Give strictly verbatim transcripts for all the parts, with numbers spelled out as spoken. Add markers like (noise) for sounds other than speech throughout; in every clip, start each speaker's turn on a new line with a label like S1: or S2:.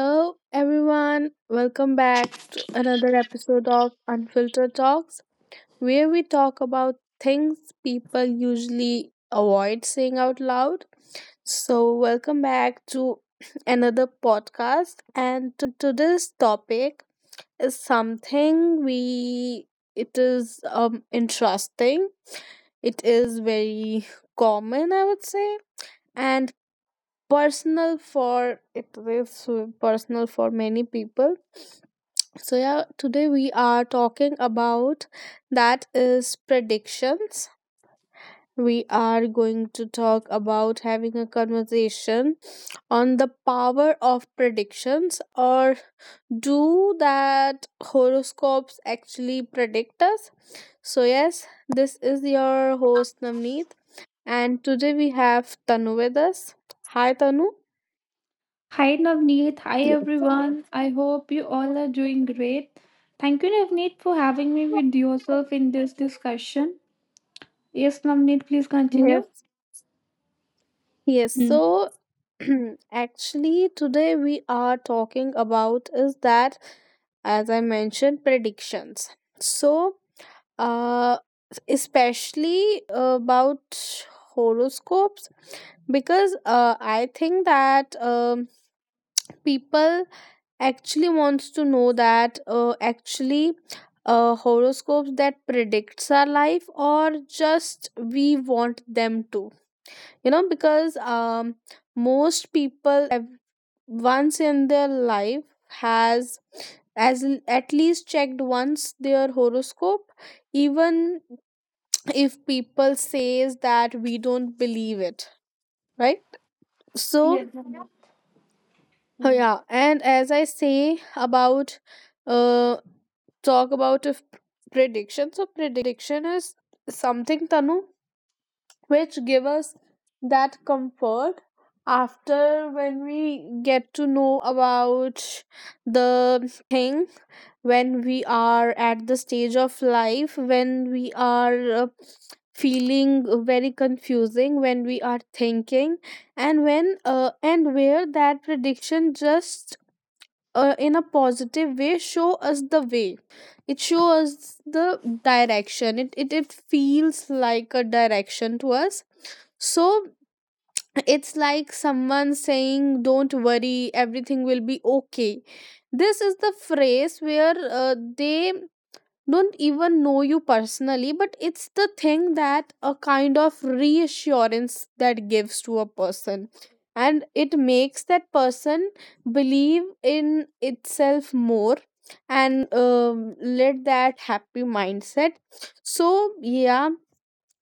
S1: Hello, everyone. Welcome back to another episode of Unfiltered Talks, where we talk about things people usually avoid saying out loud. So, welcome back to (clears throat) another podcast. And today's topic is something we it is um interesting. It is very common, I would say. And personal for it is so personal for many people, so yeah, today we are talking about that is predictions. We are going to talk about having a conversation on the power of predictions, or do that horoscopes actually predict us. So yes, this is your host Namneet, and today we have Tanu with us. Hi Tanu.
S2: Hi Navneet, hi
S1: Yes.
S2: everyone. I hope you all are doing great. Thank you, Navneet, for having me with yourself in this discussion. Yes, Navneet, please continue.
S1: Yes. Yes.
S2: Hmm.
S1: So (clears throat) actually today we are talking about is that, as I mentioned, predictions. So uh especially about horoscopes, because uh, I think that um, people actually wants to know that uh, actually uh, horoscopes that predicts our life or just we want them to, you know, because um most people ev- once in their life has as l- at least checked once their horoscope, even if people says that we don't believe it, right? So
S2: Yes, Navneet.
S1: uh,
S2: Hmm.
S1: yeah, and as I say about uh talk about a f- prediction. So prediction is something, Tanu, which give us that comfort after when we get to know about the thing when we are at the stage of life when we are uh, feeling very confusing, when we are thinking and when uh, and where that prediction just uh, in a positive way show us the way, it shows us the direction, it, it it feels like a direction to us. So it's like someone saying, don't worry, everything will be okay. This is the phrase where uh, they don't even know you personally, but it's the thing that a kind of reassurance that gives to a person, and it makes that person believe in itself more and um, let that happy mindset. So yeah,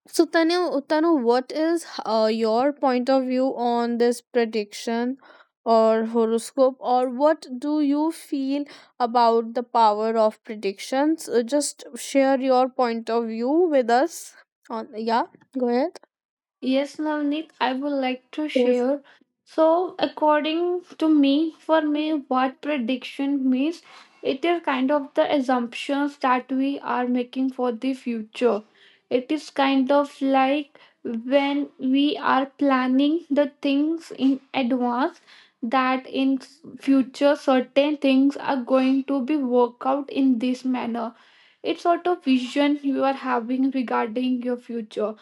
S1: so Tanu, Tanu, what is uh, your point of view on this prediction or horoscope, or what do you feel about the power of predictions? Uh, just share your point of view with us. On, yeah, go ahead.
S2: Yes, Navneet, I would like to
S1: Yes.
S2: share. So, according to me, for me, what prediction means, it is kind of the assumptions that we are making for the future. It is kind of like when we are planning the things in advance that in future certain things are going to be worked out in this manner. It's sort of vision you are having regarding your future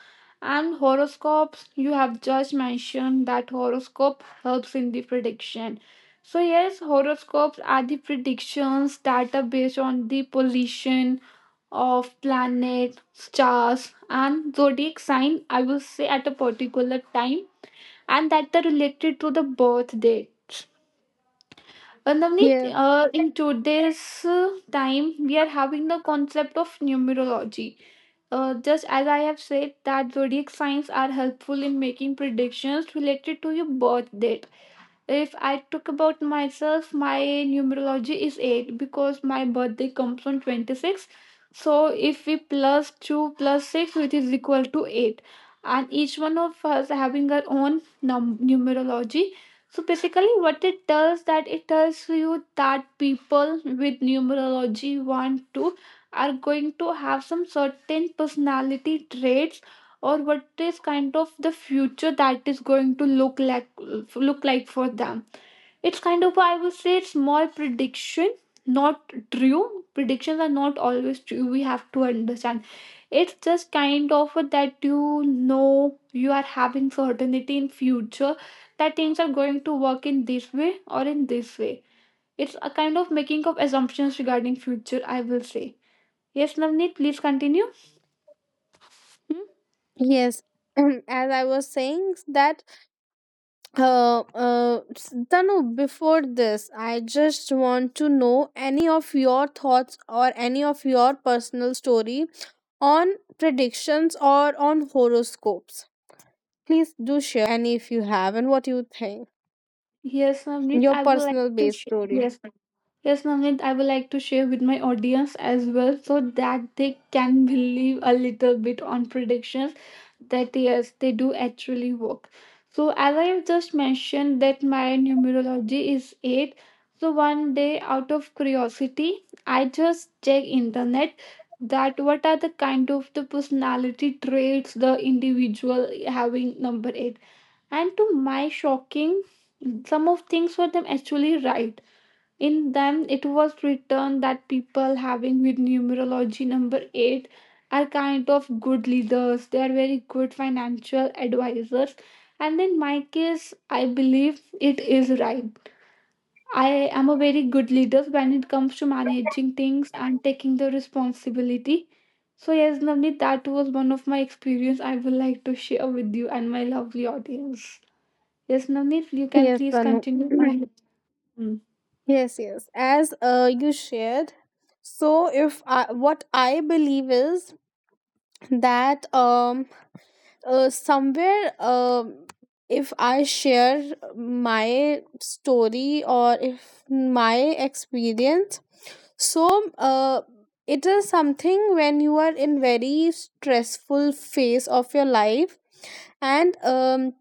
S2: and horoscopes. You have just mentioned that horoscope helps in the prediction. So yes, horoscopes are the predictions that are based on the position of planet, stars, and zodiac sign, I will say, at a particular time, and that are related to the birth dates. Uh, Navneet,
S1: Yes.
S2: uh, in today's uh, time, we are having the concept of numerology, uh, just as I have said, that zodiac signs are helpful in making predictions related to your birth date. If I talk about myself, my numerology is eight because my birthday comes on twenty-six. So if we plus two plus six, which is equal to eight. And each one of us having our own num- numerology. So basically, what it does, that it tells you that people with numerology one, two are going to have some certain personality traits, or what is kind of the future that is going to look like look like for them. It's kind of, I would say, it's more prediction. Not true, predictions are not always true. We have to understand it's just kind of that, you know, you are having certainty in future that things are going to work in this way or in this way. It's a kind of making of assumptions regarding future, I will say. Yes, Navneet, please continue. Hmm?
S1: Yes. (clears throat) And as I was saying that uh, uh Tanu, before this, I just want to know any of your thoughts or any of your personal story on predictions or on horoscopes. Please do share any if you have, and what you think.
S2: Yes, Navneet,
S1: Your
S2: I would like
S1: personal
S2: to
S1: base
S2: share.
S1: story.
S2: Yes, yes, Navneet, I would like to share with my audience as well, so that they can believe a little bit on predictions, that yes, they do actually work. So as I have just mentioned, that my numerology is eight. So one day, out of curiosity, I just check internet that what are the kind of the personality traits the individual having number eight. And to my shocking, some of things were them actually right in them. It was written that people having with numerology number eight are kind of good leaders, they are very good financial advisors. And in my case, I believe it is right. I am a very good leader when it comes to managing things and taking the responsibility. So yes, Navneet, that was one of my experience I would like to share with you and my lovely audience. Yes, Navneet, you can
S1: Yes,
S2: please
S1: Tanu.
S2: continue. I. Mm,
S1: (clears throat) Yes, yes. As uh, you shared, so if I, what I believe is that um uh, somewhere um, if I share my story, or if my experience, so uh, it is something when you are in very stressful phase of your life, and um,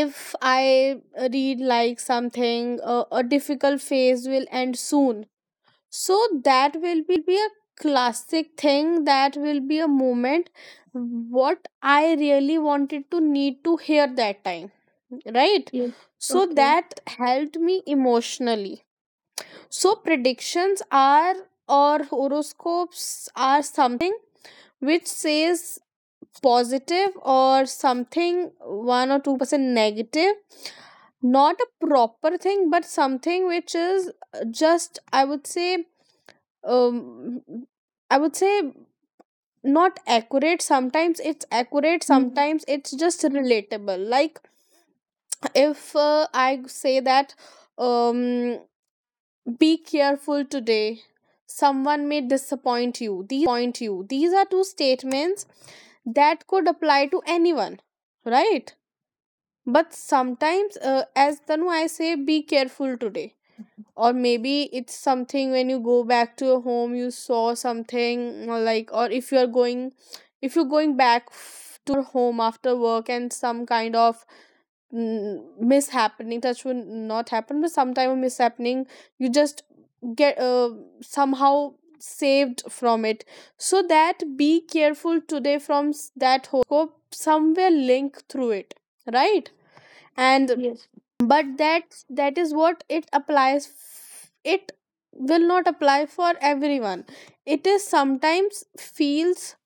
S1: if I read like something uh, a difficult phase will end soon, so that will be a classic thing, that will be a moment what I really wanted to need to hear that time, right?
S2: yes.
S1: So
S2: Okay.
S1: that helped me emotionally. So predictions are or horoscopes are something which says positive or something one or two percent negative, not a proper thing, but something which is just, I would say um I would say, not accurate. Sometimes it's accurate,
S2: Mm,
S1: sometimes it's just relatable. Like if uh, I say that um be careful today, someone may disappoint you, these are two statements that could apply to anyone, right? But sometimes uh, as Tanu, I say be careful today, or maybe it's something when you go back to your home, you saw something, or like, or if you're going, if you're going back f- to your home after work and some kind of mm, mishappening that would not happen, but sometime a mishappening you just get uh, somehow saved from it. So that be careful today from s- that horoscope somewhere link through it, right? And
S2: yes.
S1: but that that is what it applies, f- it will not apply for everyone. It is sometimes feels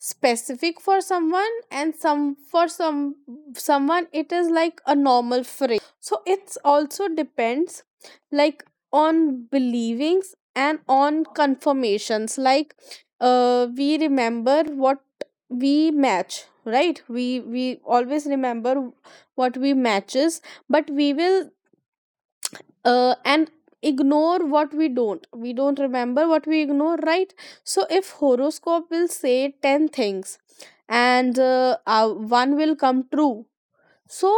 S1: specific for someone, and some for some someone it is like a normal phrase. So it's also depends like on believings and on confirmations, like uh, we remember what we match, right? We we always remember what we matches, but we will uh, and ignore what we don't, we don't remember what we ignore, right? So if horoscope will say ten things and uh, uh, one will come true, so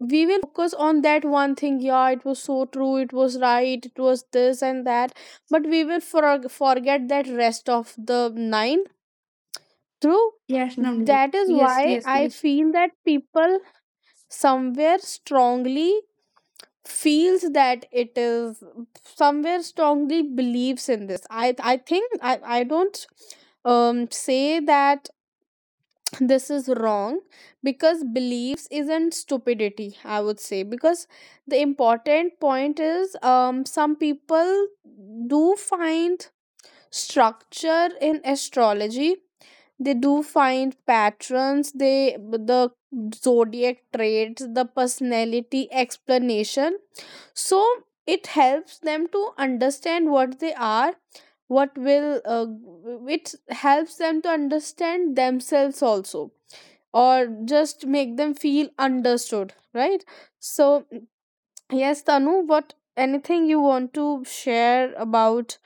S1: we will focus on that one thing. Yeah, it was so true, it was right, it was this and that, but we will for forget that rest of the nine true.
S2: Yes, Navneet.
S1: That is
S2: Yes,
S1: why
S2: yes,
S1: I
S2: yes.
S1: feel that people somewhere strongly feels that it is somewhere strongly believes in this. I i think i i don't um say that this is wrong, because beliefs isn't stupidity, I would say, because the important point is um some people do find structure in astrology, they do find patterns, they the zodiac traits, the personality explanation, so it helps them to understand what they are, what will uh, it helps them to understand themselves also, or just make them feel understood, right? So yes Tanu, what anything you want to share about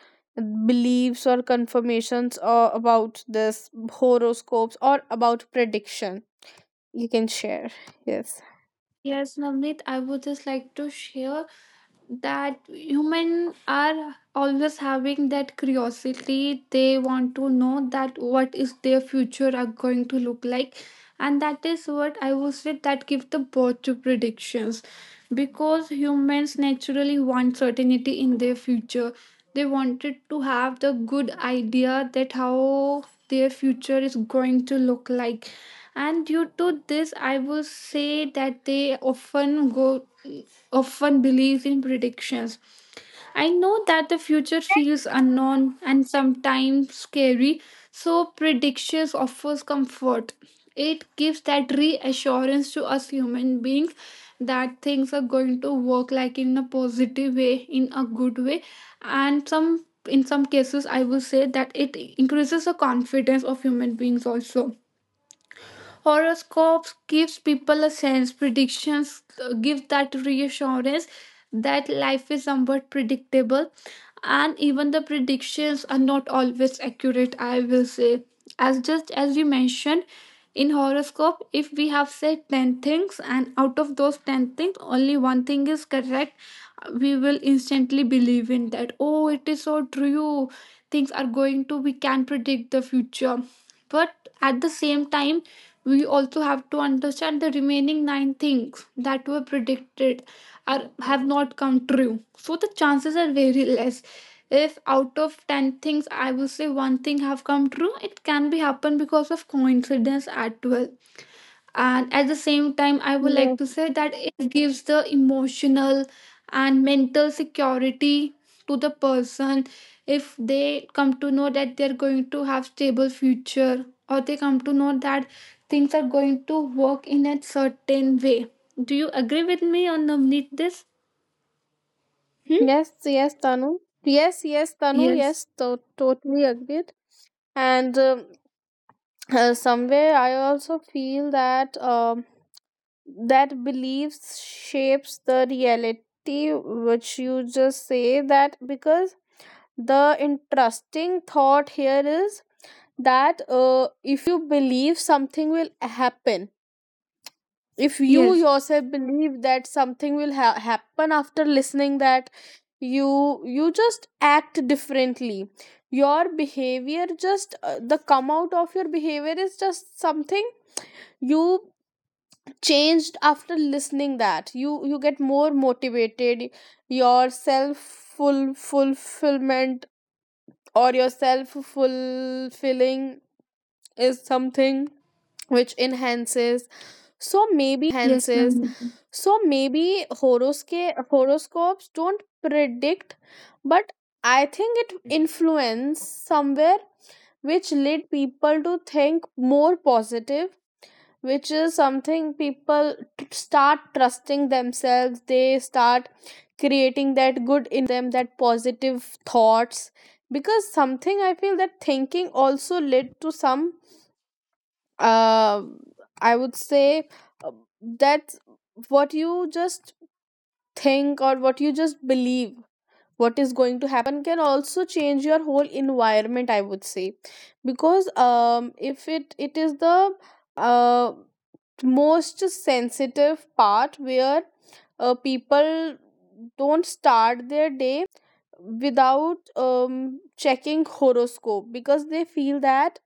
S1: beliefs or confirmations or about this horoscopes or about prediction, you can share. Yes.
S2: Yes, Navneet, I would just like to share that human are always having that curiosity. They want to know that what is their future are going to look like, and that is what I would say that give the birth to predictions. Because humans naturally want certainty in their future, they wanted to have the good idea that how their future is going to look like, and due to this I will say that they often go, often believes in predictions. I know that the future feels unknown and sometimes scary, so predictions offers comfort. It gives that reassurance to us human beings that things are going to work like in a positive way, in a good way, and some in some cases I will say that it increases the confidence of human beings. Also horoscopes gives people a sense. Predictions, uh, give that reassurance that life is somewhat predictable. And even the predictions are not always accurate, I will say. As just as you mentioned in horoscope, if we have said ten things and out of those ten things only one thing is correct, we will instantly believe in that, oh it is so true, things are going to, we can predict the future. But at the same time, we also have to understand the remaining nine things that were predicted are have not come true. So the chances are very less. If out of ten things I will say one thing have come true, it can be happen because of coincidence at twelve. And at the same time, I would like
S1: Yes,
S2: to say that it gives the emotional and mental security to the person if they come to know that they're going to have stable future, or they come to know that things are going to work in a certain way. Do you agree with me on Navneet this? Hmm?
S1: yes, yes, Tanu. Yes, yes, Tanu.
S2: yes
S1: Yes, to- totally agreed. And um uh, somewhere I also feel that um, that beliefs shapes the reality, which you just say that, because the interesting thought here is that uh, if you believe something will happen, if you
S2: yes
S1: yourself believe that something will ha- happen, after listening that, you you just act differently, your behavior just uh, the come out of your behavior is just something you changed after listening that. You you get more motivated, your self full fulfillment or your self fulfilling is something which enhances.
S2: yes Navneet.
S1: So maybe horosca- horoscopes don't predict, but I think it influence somewhere, which led people to think more positive, which is something people t- start trusting themselves. They start creating that good environment around them, that positive thoughts. Because something I feel that thinking also led to some um I would say uh, that's what you just think or what you just believe what is going to happen can also change your whole environment, I would say. Because um if it it is the uh, most sensitive part where uh, people don't start their day without um, checking horoscope, because they feel that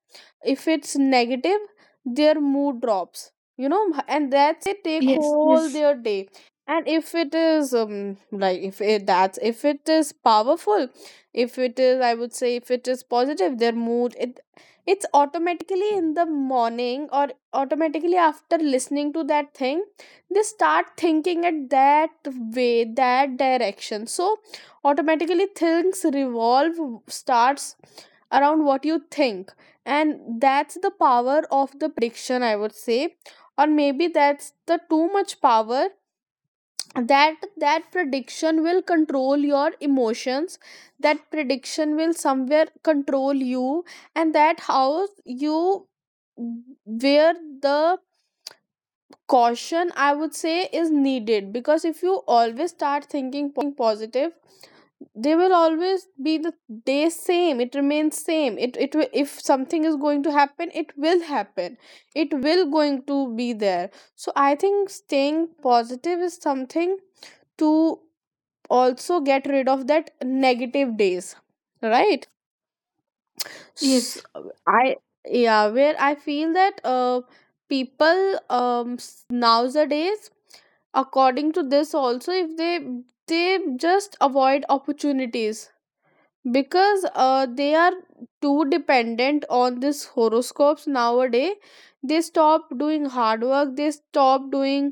S1: if it's negative, their mood drops, you know, and that's they take
S2: yes
S1: whole
S2: yes
S1: their day. And if it is um, like if it that's if it is powerful, if it is, I would say if it is positive, their mood, it it's automatically in the morning, or automatically after listening to that thing, they start thinking at that way, that direction. So automatically things revolve starts around what you think. And that's the power of the prediction, I would say. Or maybe that's the too much power that that prediction will control your emotions, that prediction will somewhere control you, and that how you where the caution, I would say, is needed. Because if you always start thinking positive, they will always be the day same, it remains same, it it will, if something is going to happen, it will happen, it will going to be there. So I think staying positive is something to also get rid of that negative days, right? S
S2: yes
S1: uh, I yeah, where I feel that uh, people um s- nowadays, according to this also, if they they just avoid opportunities because uh, they are too dependent on this horoscopes. Nowadays they stop doing hard work, they stop doing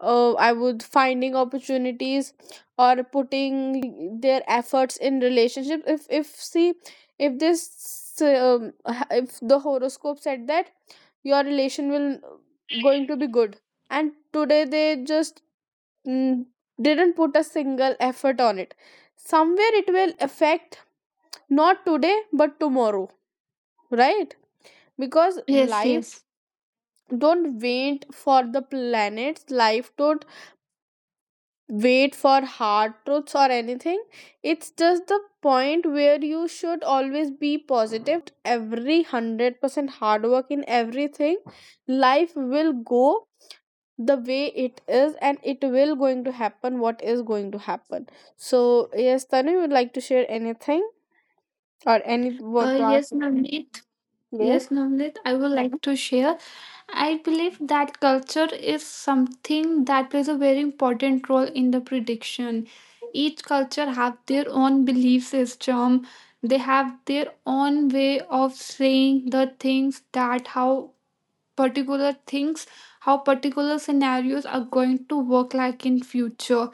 S1: uh, I would finding opportunities or putting their efforts in relationship. If if see, if this um, if the horoscope said that your relation will uh, going to be good, and today they just mm, didn't put a single effort on it, somewhere it will affect, not today but tomorrow, right? Because
S2: yes
S1: life
S2: yes
S1: don't wait for the planets, life don't wait for hard truths or anything. It's just the point where you should always be positive, put every one hundred percent hard work in everything, life will go the way it is, and it will going to happen what is going to happen. So yes Tanu, you would like to share anything, or any what
S2: uh,
S1: to ask.
S2: yes Navneet.
S1: Yes.
S2: Yes Navneet, I would like to share. I believe that culture is something that plays a very important role in the prediction. Each culture have their own belief system. They have their own way of saying the things that how particular things, how particular scenarios are going to work like in future.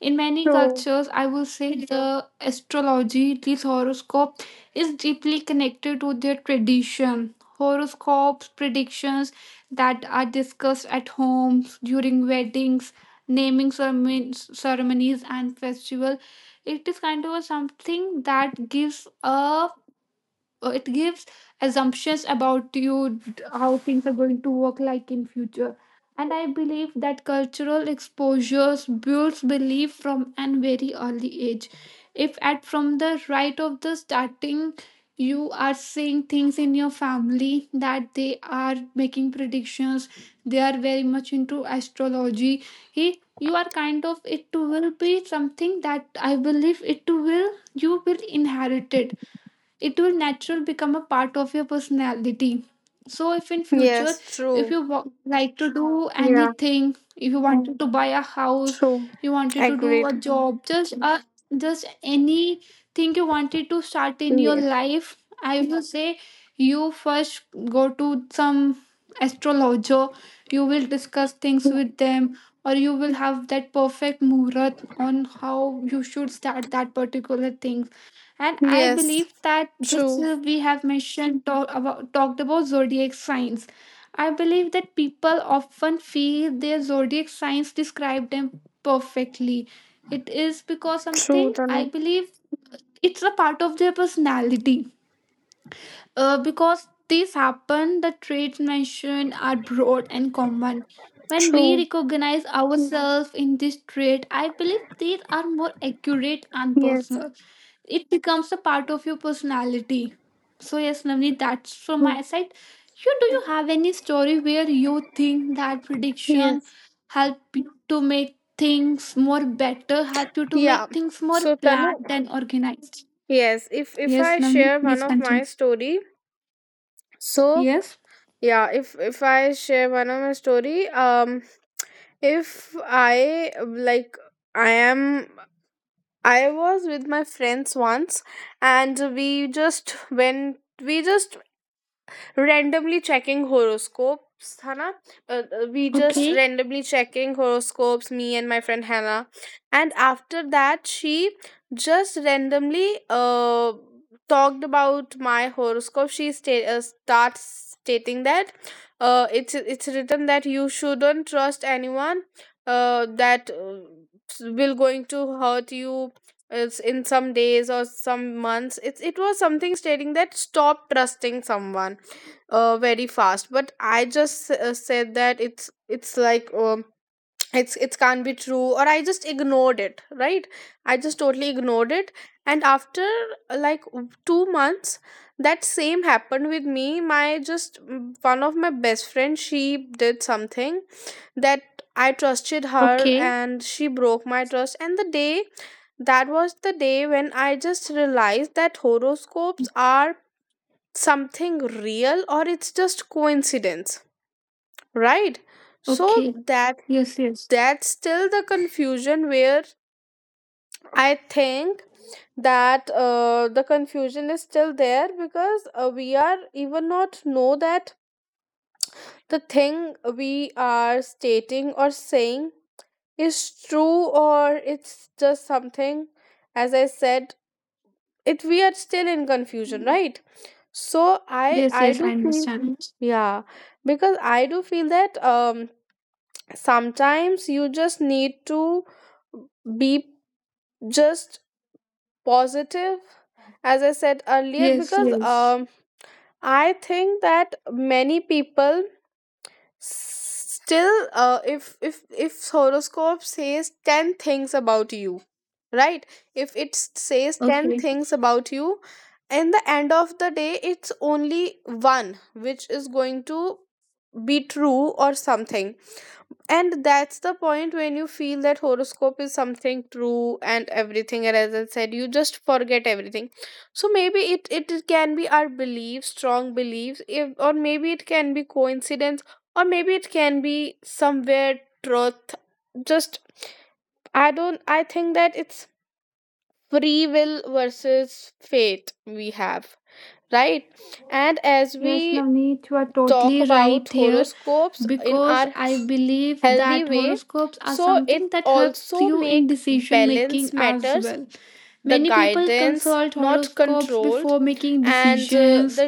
S2: In many
S1: So.
S2: cultures I will say, Mhm, the astrology, this horoscope is deeply connected to their tradition. Horoscopes, predictions that are discussed at homes during weddings, naming ceremon- ceremonies and festival. It is kind of a something that gives a uh, it gives assumptions about you, d- how things are going to work like in future. And I believe that cultural exposures builds belief from an very early age. If at from the right of the starting you are seeing things in your family that they are making predictions, they are very much into astrology, he you are kind of, it will be something that I believe it will, you will inherit it, it will natural become a part of your personality. So if in future,
S1: Yes,
S2: if
S1: true.
S2: you wa- like to do
S1: Yeah,
S2: anything, if you wanted to buy a house,
S1: true.
S2: you wanted to do a
S1: Agreed.
S2: job, just a just anything you wanted to start in your
S1: Yes.
S2: life, I will say you first go to some astrologer, you will discuss things with them, or you will have that perfect muhurat on how you should start that particular thing. And I
S1: Yes,
S2: believe that this,
S1: true.
S2: uh, we have mentioned, talk about, talked about zodiac signs. I believe that people often feel their zodiac signs describe them perfectly. It is because
S1: True,
S2: something I
S1: Tanu.
S2: believe it's a part of their personality. Uh, because these happen, the traits mentioned are broad and common. When we
S1: True.
S2: recognize ourselves in this trait, I believe these are more accurate and
S1: Yes.
S2: personal, it becomes a part of your personality. So yes, Navneet, that's from
S1: Mm.
S2: my side. You, do you have any story where you think that prediction
S1: Yes.
S2: help you to make things more better, help you to
S1: Yeah.
S2: make things more
S1: So Tanu,
S2: planned and organized?
S1: yes, if if
S2: Yes,
S1: I
S2: Navneet,
S1: share one
S2: please
S1: of
S2: continue.
S1: my story, so
S2: Yes.
S1: yeah, if if I share one of my story, um if I, like, I am I was with my friends once, and we just went, we just randomly checking horoscopes, Hannah. Uh, uh, we just
S2: Okay.
S1: randomly checking horoscopes, me and my friend Hannah. And after that, she just randomly uh, talked about my horoscope. She sta- uh, starts stating that uh, it's it's written that you shouldn't trust anyone uh, that uh, will going to hurt you. It's in some days or some months. It's it was something stating that stop trusting someone uh, very fast. But I just uh, said that it's it's like, um, (tsk) it's it can't be true, or I just ignored it, right? I just totally ignored it. And after uh, like, w- two months, that same happened with me. My, just, mm, one of my best friends, she did something that I trusted her,
S2: Okay.
S1: and she broke my trust. And the day, that was the day when I just realized that horoscopes are something real, or it's just coincidence, right? So
S2: Okay.
S1: that
S2: Yes. Yes.
S1: that's still the confusion, where I think that uh, the confusion is still there, because uh, we are even not know that the thing we are stating or saying is true, or it's just something. As I said, it, we are still in confusion, right? So i
S2: Yes.
S1: i
S2: Yes.
S1: do
S2: I
S1: feel,
S2: understand.
S1: yeah, because I do feel that um sometimes you just need to be just positive, as I said earlier,
S2: Yes.
S1: because
S2: Yes.
S1: um I think that many people still uh, if if if horoscope says ten things about you, right? If it s- says ten
S2: Okay.
S1: things about you, in the end of the day, it's only one which is going to be true, or something. And that's the point when you feel that horoscope is something true and everything, and as I said, you just forget everything. So maybe it it can be our beliefs, strong beliefs, if, or maybe it can be coincidence, or maybe it can be somewhere truth. Just i don't i think that it's free will versus fate we have, right? And as
S2: Yes,
S1: we
S2: Navneet, you are
S1: talk
S2: totally
S1: about
S2: right here,
S1: horoscopes in
S2: because
S1: our
S2: I believe
S1: healthy
S2: that
S1: way,
S2: horoscopes are
S1: so
S2: something
S1: it
S2: that helps
S1: also
S2: you in
S1: make
S2: decision
S1: balance
S2: making as
S1: matters,
S2: well.
S1: the
S2: Many people
S1: guidance
S2: consult
S1: not
S2: horoscopes
S1: controlled,
S2: before making
S1: and uh,
S2: decisions
S1: the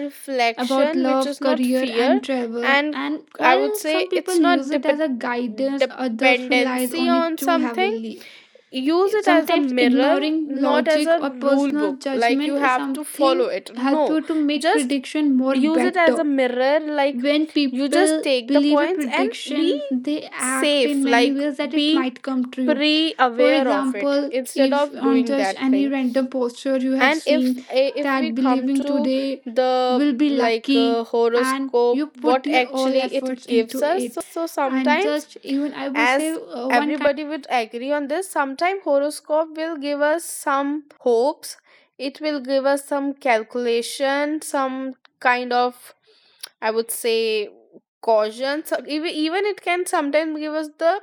S2: about
S1: reflection which
S2: love,
S1: is not
S2: career,
S1: fear.
S2: and travel.
S1: And
S2: And
S1: I would
S2: while some
S1: say
S2: people
S1: it's not
S2: use it as
S1: dep-
S2: a guidance, others relies
S1: dependency
S2: on it
S1: on
S2: too
S1: something.
S2: heavily.
S1: Use it as a
S2: Sometimes
S1: mirror,
S2: ignoring
S1: not as
S2: logic
S1: a
S2: or
S1: rule
S2: personal
S1: book, like you
S2: judgment is
S1: have to follow
S2: something
S1: it.
S2: help
S1: No,
S2: you to make
S1: just
S2: prediction more
S1: use it as a
S2: better.
S1: mirror, like
S2: When
S1: you just
S2: people
S1: take the
S2: believe a
S1: points and be
S2: prediction, they act in
S1: safe,
S2: many
S1: like
S2: ways that it
S1: be
S2: might come true.
S1: pre
S2: For
S1: aware of it
S2: example,
S1: instead
S2: if
S1: of
S2: on
S1: doing
S2: just
S1: that
S2: any
S1: thing.
S2: random poster you have
S1: And if
S2: seen
S1: eh, if we
S2: that
S1: come
S2: believing
S1: to
S2: today
S1: the,
S2: will be
S1: like,
S2: lucky,
S1: uh,
S2: and you
S1: horoscope,
S2: put
S1: what
S2: your all
S1: actually it
S2: efforts into
S1: gives us,
S2: it,
S1: so
S2: and
S1: sometimes,
S2: just even I will say, uh,
S1: as
S2: one kind
S1: everybody would agree on this, sometime horoscope will give us some hopes, it will give us some calculation, some kind of, I would say, caution. So even even it can sometimes give us the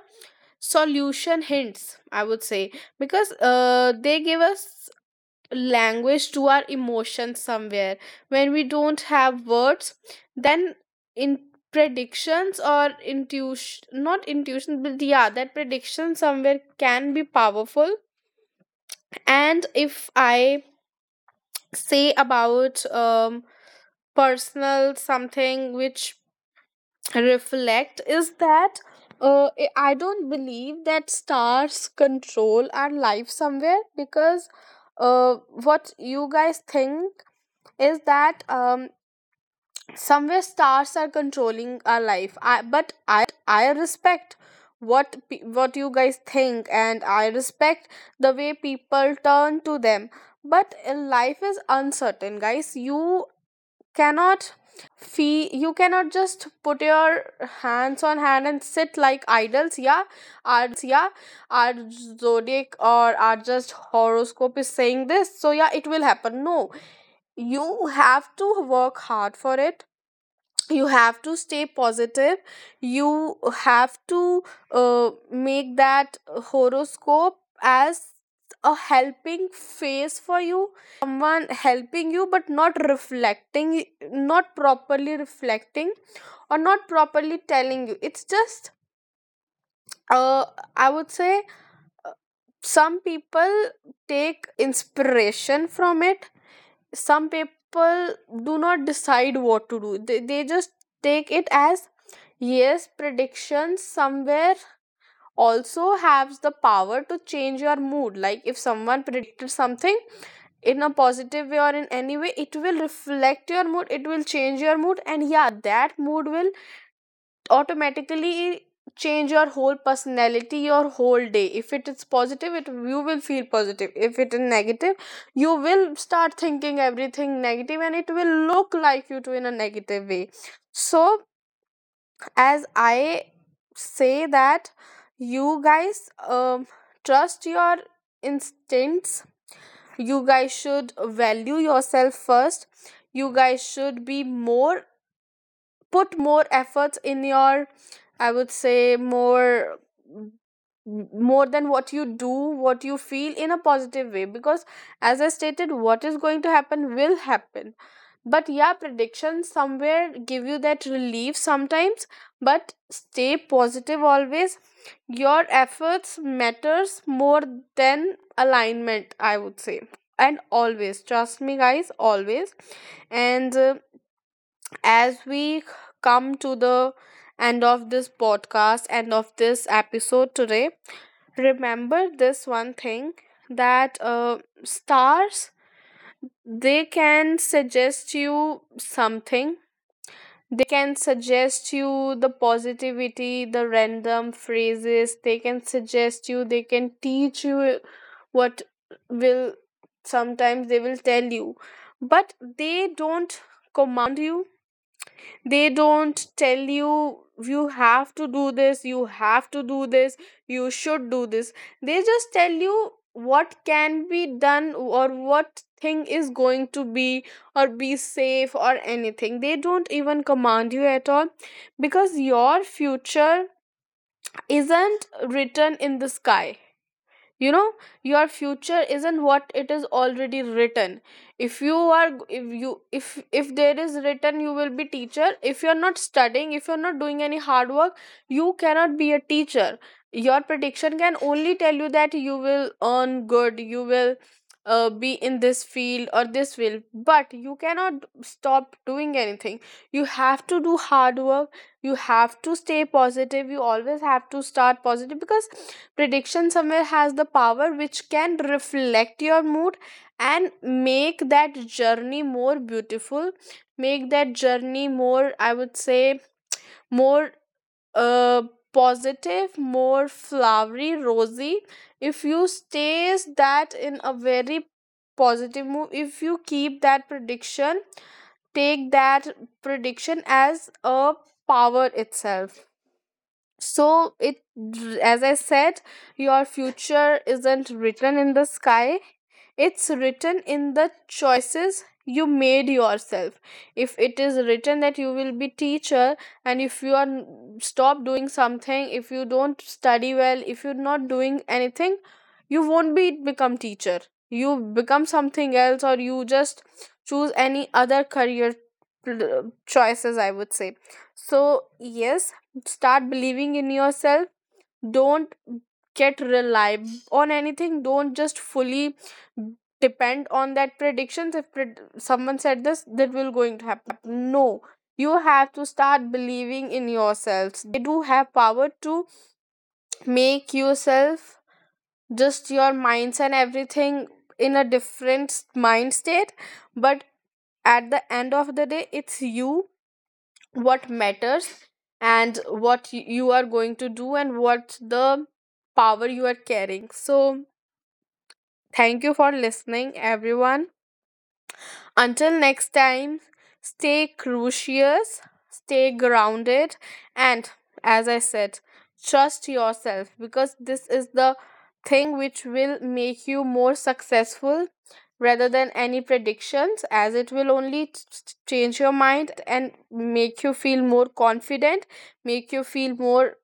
S1: solution hints. I would say, because uh, they give us language to our emotions somewhere when we don't have words. Then in predictions or intuition, not intuition, but yeah, that prediction somewhere can be powerful. And if I say about um personal something which reflect is that uh, I I don't believe that stars control our life somewhere, because uh, what you guys think is that um, somewhere stars are controlling our life. I, but I respect what pe- what you guys think, and I respect the way people turn to them. But uh, life is uncertain, guys. You cannot fee you cannot just put your hands on hand and sit like idols. Yeah, our zodiac or our just horoscope is saying this, so yeah, it will happen. No, you have to work hard for it. You have to stay positive. You have to uh, make that horoscope as a helping face for you. It is someone helping you, but not reflecting, not properly reflecting or not properly telling you. It's just uh, I would say uh, some people take inspiration from it, some people do not decide what to do. They, they just take it as... Yes, predictions somewhere also has the power to change your mood. Like, if someone predicted something in a positive way or in any way, it will reflect your mood, it will change your mood, and yeah, that mood will automatically change your whole personality, your whole day. If it is positive, it you will feel positive. If it is negative, you will start thinking everything negative and it will look like you to in a negative way. So as I say that, you guys, um, trust your instincts. You guys should value yourself first. You guys should be more, put more efforts in your, I would say, more more than what you do, what you feel in a positive way, because as I stated, what is going to happen will happen. But yeah, predictions somewhere give you that relief sometimes, but stay positive always. Your efforts matters more than alignment, I would say. And always trust me, guys, always. And uh, as we come to the end of this podcast, end of this episode today, remember this one thing, that uh, stars, they can suggest you something, they can suggest you the positivity, the random phrases they can suggest you, they can teach you what will, sometimes they will tell you, but they don't command you. They don't tell you you have to do this, you have to do this, you should do this. They just tell you what can be done, or what thing is going to be, or be safe, or anything. They don't even command you at all, because your future isn't written in the sky, you know your future isn't what it is already written. If you are if you if if there is written you will be teacher, if you're not studying, if you're not doing any hard work, you cannot be a teacher. Your prediction can only tell you that you will earn good, you will uh, be in this field or this field, but you cannot stop doing anything. You have to do hard work, you have to stay positive, you always have to start positive, because prediction somewhere has the power which can reflect your mood, and make that journey more beautiful, make that journey more, I would say more uh, positive, more flowery, rosy, if you stays that in a very positive mood, if you keep that prediction, take that prediction as a power itself. So it as I said, your future isn't written in the sky, it's written in the choices you made yourself. If it is written that you will be teacher, and if you are n- stop doing something, if you don't study well, if you're not doing anything, you won't be become teacher, you become something else, or you just choose any other career pl- choices, I would say. So yes, start believing in yourself. Don't get reliable on anything, don't just fully depend on that predictions. If pred- someone said this that will going to happen, no, you have to start believing in yourselves. They do have power to make yourself, just your minds and everything, in a different s- mind state. But at the end of the day, it's you what matters, and what y- you are going to do, and what the power you are carrying. So thank you for listening, everyone. Until next time, stay curious, stay grounded, and as I said, trust yourself, because this is the thing which will make you more successful rather than any predictions, as it will only t- t- change your mind, and make you feel more confident, make you feel more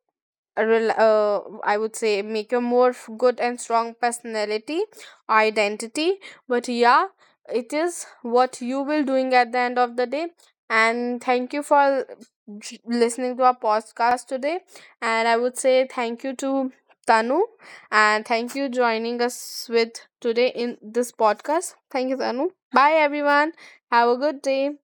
S1: rel- uh, I would say, make a more f- good and strong personality identity. But yeah, it is what you will doing at the end of the day. And thank you for j- listening to our podcast today. And I would say thank you to Tanu, and thank you joining us with today in this podcast. Thank you, Tanu. Bye, everyone. Have a good day.